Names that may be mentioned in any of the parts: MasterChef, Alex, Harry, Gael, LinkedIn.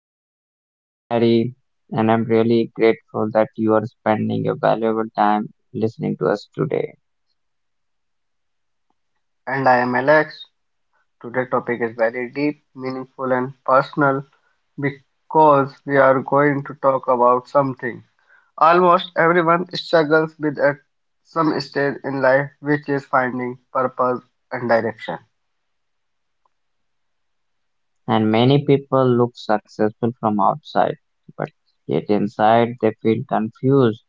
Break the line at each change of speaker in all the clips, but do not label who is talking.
your host, Harry, and I'm really grateful that you are spending your valuable time listening to us today.
And I am Alex. Today's topic is very deep, meaningful, and personal because we are going to talk about something. Almost everyone struggles with at some stage in life, which is finding purpose and direction.
And many people look successful from outside, but yet inside they feel confused,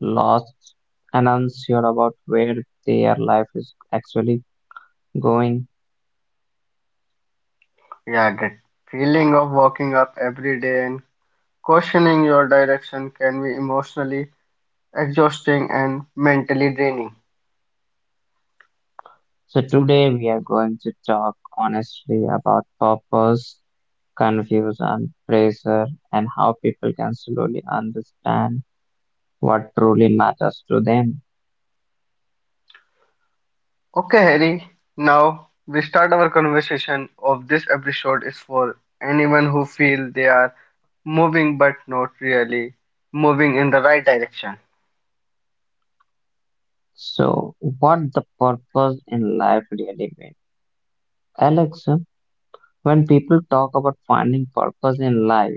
lost, and unsure about where their life is actually going.
Yeah, that feeling of waking up every day and questioning your direction can be emotionally exhausting and mentally draining.
So, today we are going to talk honestly about purpose confuse, and pressure, and how people can slowly understand what truly matters to them.
Okay, Harry. Now we start our conversation of this episode is for anyone who feel they are moving but not really moving in the right direction.
So, what the purpose in life really means? Alex, when people talk about finding purpose in life,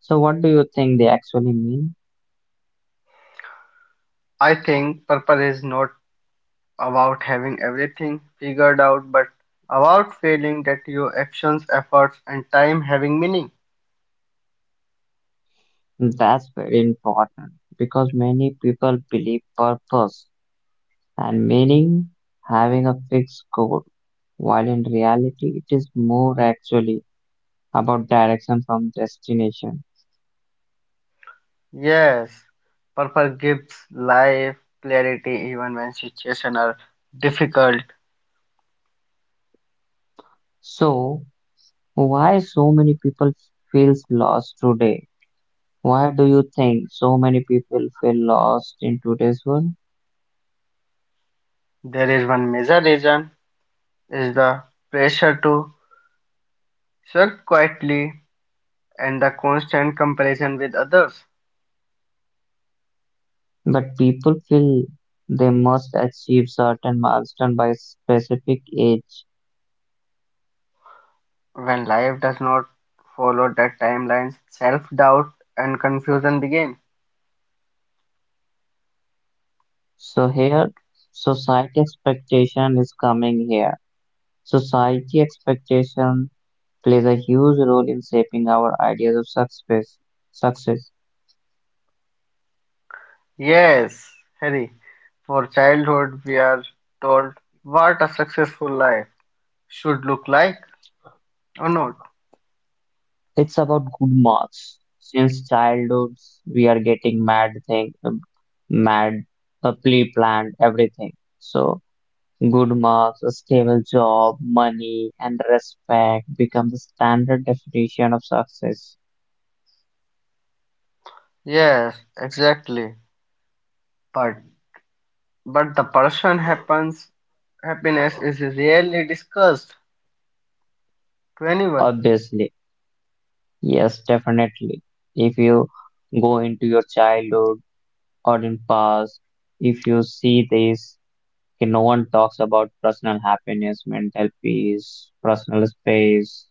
so what do you think they actually mean?
I think purpose is not about having everything figured out but about feeling that your actions, efforts and time having meaning.
That's very important because many people believe purpose and meaning having a fixed goal, while in reality, it is more actually about direction from destination.
Yes, purpose gives life clarity even when situations are difficult.
So, why so many people feels lost today? Why do you think so many people feel lost in today's world?
There is one major reason is the pressure to Swept quietly, and the constant comparison with others,
But people feel they must achieve certain milestone by specific age.
when life does not follow that timeline, self-doubt and confusion begin.
So here, society expectation is coming here. Society expectation plays a huge role in shaping our ideas of success. Success.
Yes, Harry, for childhood we are told what a successful life should look like or not.
It's about good marks. Since childhood, we are getting mad thing, mad, pre-planned everything. So good marks, a stable job, money, and respect become the standard definition of success.
Yes, exactly. But but the person happens happiness is rarely discussed to anyone.
Obviously, yes, definitely. If you go into your childhood or in past, if you see this, okay, no one talks about personal happiness, mental peace, personal space.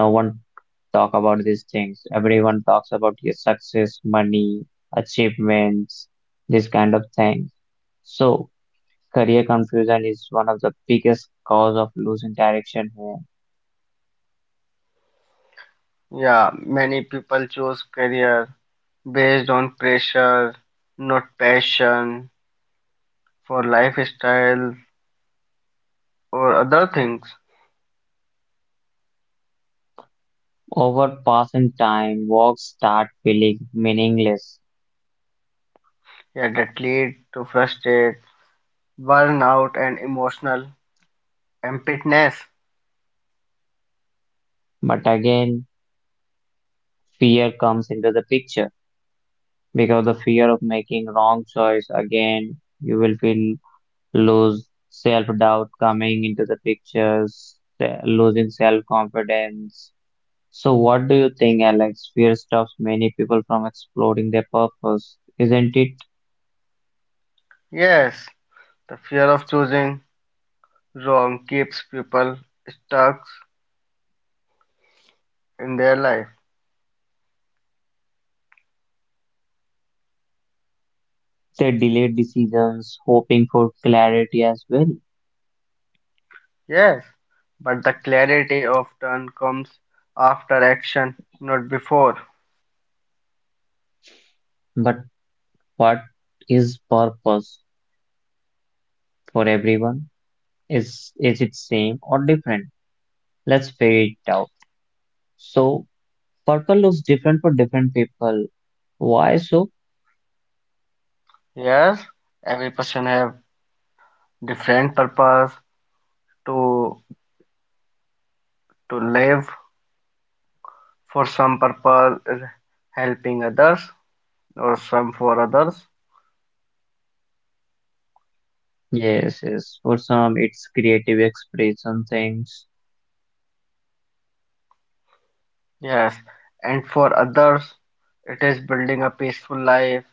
No one talk about these things. Everyone talks about your success, money, achievements, this kind of thing. So career confusion is one of the biggest cause of losing direction here.
Yeah, many people choose career based on pressure, not passion, for lifestyles or other things.
Over passing time, walks start feeling meaningless.
Yeah, that lead to frustrated, burnout, and emotional emptiness.
But again, fear comes into the picture because the fear of making wrong choice again, you will feel lose self doubt coming into the pictures, losing self confidence. So, what do you think, Alex? Fear stops many people from exploring their purpose, isn't it?
Yes, the fear of choosing wrong keeps people stuck in their life.
They delay decisions, hoping for clarity as well.
Yes, but the clarity often comes after action, not before.
But what is purpose for everyone? Is it same or different? Let's figure it out. So, purpose looks different for different people. Why so?
Yes, every person have different purpose to to live. For some purpose is helping others, or some for others,
Yes, yes. For some, it's creative expression things,
yes, and for others it is building a peaceful life.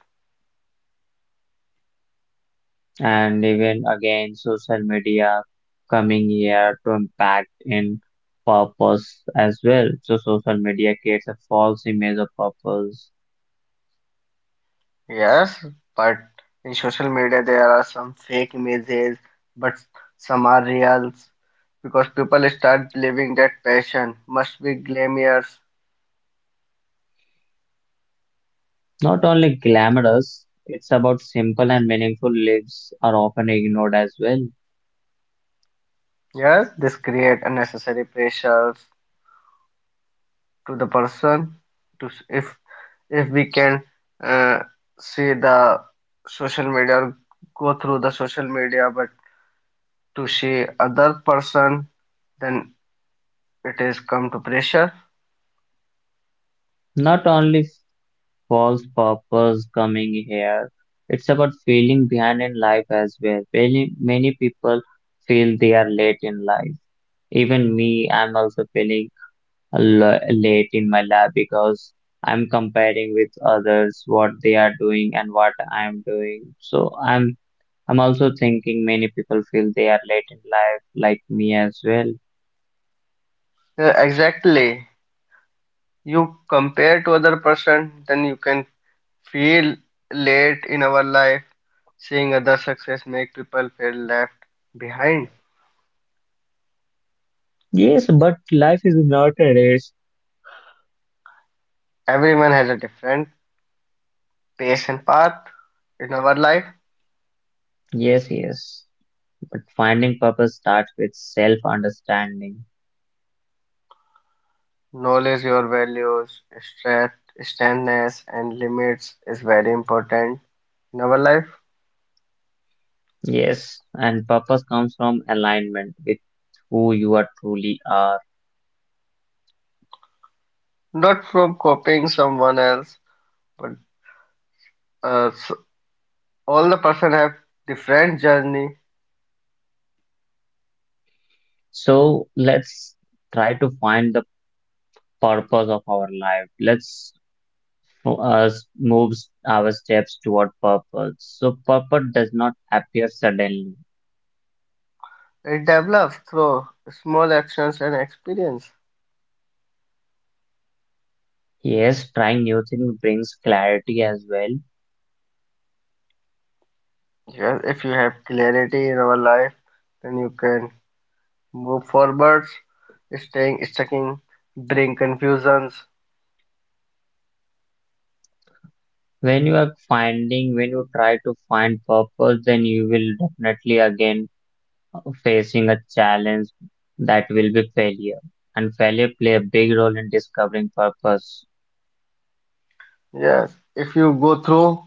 and even again, social media coming here to impact in purpose as well. So, social media creates a false image of purpose.
Yes, but in social media there are some fake images, but some are reals because people start believing that passion must be glamorous.
Not only glamorous, it's about simple and meaningful lives are often ignored as well.
Yes, this create unnecessary pressures to the person to if if we can uh, see the social media or go through the social media but to see other person then it is come to pressure.
Not only false purpose coming here, it's about feeling behind in life as well. Many people feel they are late in life. Even me, I'm also feeling late in my lab because I'm comparing with others what they are doing and what I'm doing. So I'm also thinking many people feel they are late in life like me as well.
Yeah, exactly, you compare to other person then you can feel late in our life, seeing other success make people feel left behind.
Yes, but life is not a race.
Everyone has a different pace and path in our life.
Yes, yes. But finding purpose starts with self understanding.
Knowledge your values, strength- strengths, and limits is very important in our life.
Yes, and purpose comes from alignment with who you are truly are.
Not from copying someone else, but s all the person have different journey.
So let's try to find the purpose of our life. Let's us moves our steps toward purpose. So purpose does not appear suddenly.
It develops through small actions and experience.
Yes, trying new things brings clarity as well.
Yes, if you have clarity in our life, then you can move forwards. Staying stuck in bring confusions.
When you are finding, when you try to find purpose, then you will definitely again facing a challenge that will be failure. And failure play a big role in discovering purpose.
Yes, if you go through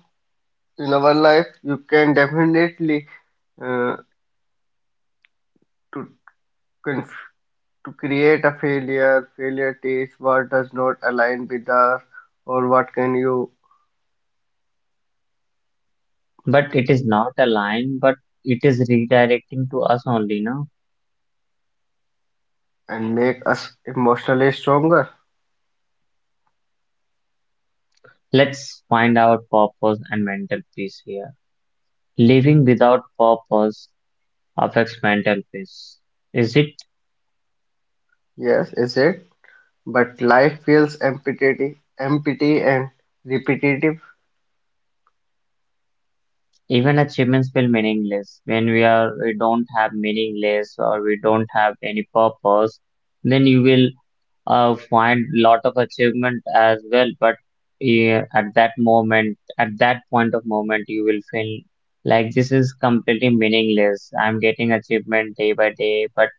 in our life you can definitely uh, to conf- to create a failure, failure taste what does not align with us or what can you,
But it is not a line, but it is redirecting to us only, no?
and make us emotionally stronger.
Let's find out purpose and mental peace here. Living without purpose affects mental peace. Is it
Yes, is it, but life feels empty and repetitive.
even achievements feel meaningless when we don't have meaningless or we don't have any purpose? Then you will find lot of achievement as well, but yeah, at that moment, at that point of moment you will feel like this is completely meaningless. I'm getting achievement day by day, but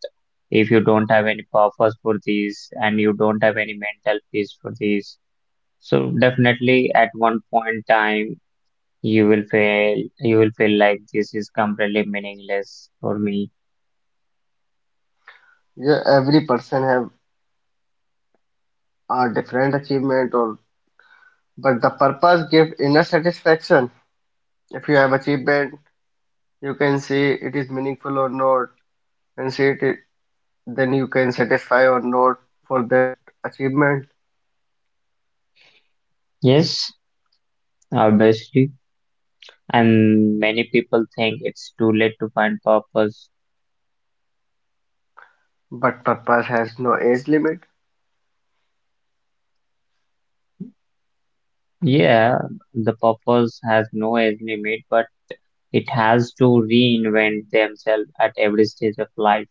if you don't have any purpose for these and you don't have any mental peace for these, so definitely at one point time you will feel like this is completely meaningless for me.
Yeah, every person have a different achievement, or but the purpose give inner satisfaction. If you have achievement you can see it is meaningful or not, and see it then you can satisfy or not for that achievement.
Yes, obviously, and many people think it's too late to find purpose.
But purpose has no age limit.
Yeah, the purpose has no age limit, but it has to reinvent themselves at every stage of life.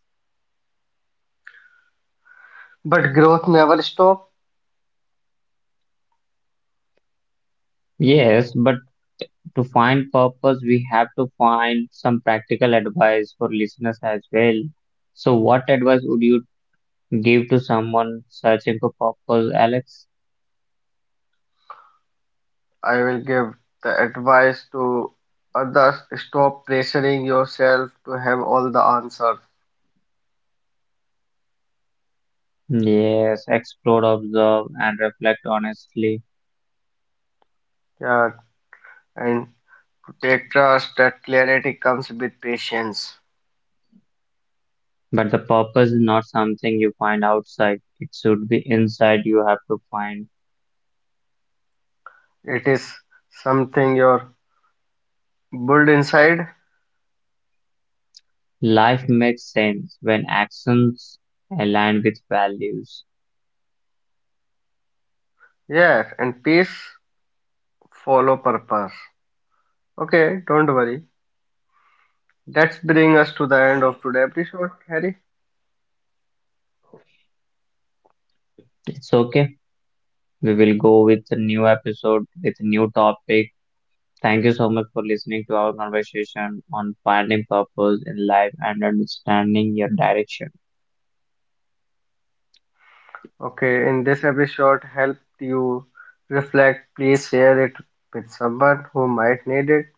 But growth never stop.
Yes, but to find purpose, we have to find some practical advice for listeners as well. So, what advice would you give to someone searching for purpose, Alex?
I will give the advice to others: stop pressuring yourself to have all the answers.
Yes, explore, observe, and reflect honestly.
Yeah, and to take trust that clarity comes with patience.
But the purpose is not something you find outside, it should be inside you have to find.
It is something you're built inside.
Life makes sense when actions align with values.
Yes, and peace follow purpose. Okay, don't worry. That's bring us to the end of today episode, Harry.
It's okay. We will go with a new episode with a new topic. Thank you so much for listening to our conversation on finding purpose in life and understanding your direction.
Okay, in this episode helped you reflect, please share it with someone who might need it.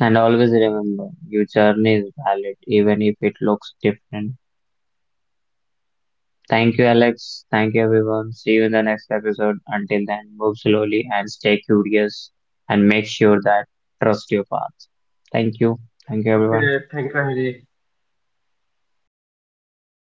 And always remember your journey is valid even if it looks different. Thank you, Alex. Thank you, everyone. See you in the next episode. Until then, move slowly and stay curious and make sure that trust your path. Thank you. Thank you, everyone.
Okay, thank you, Hari.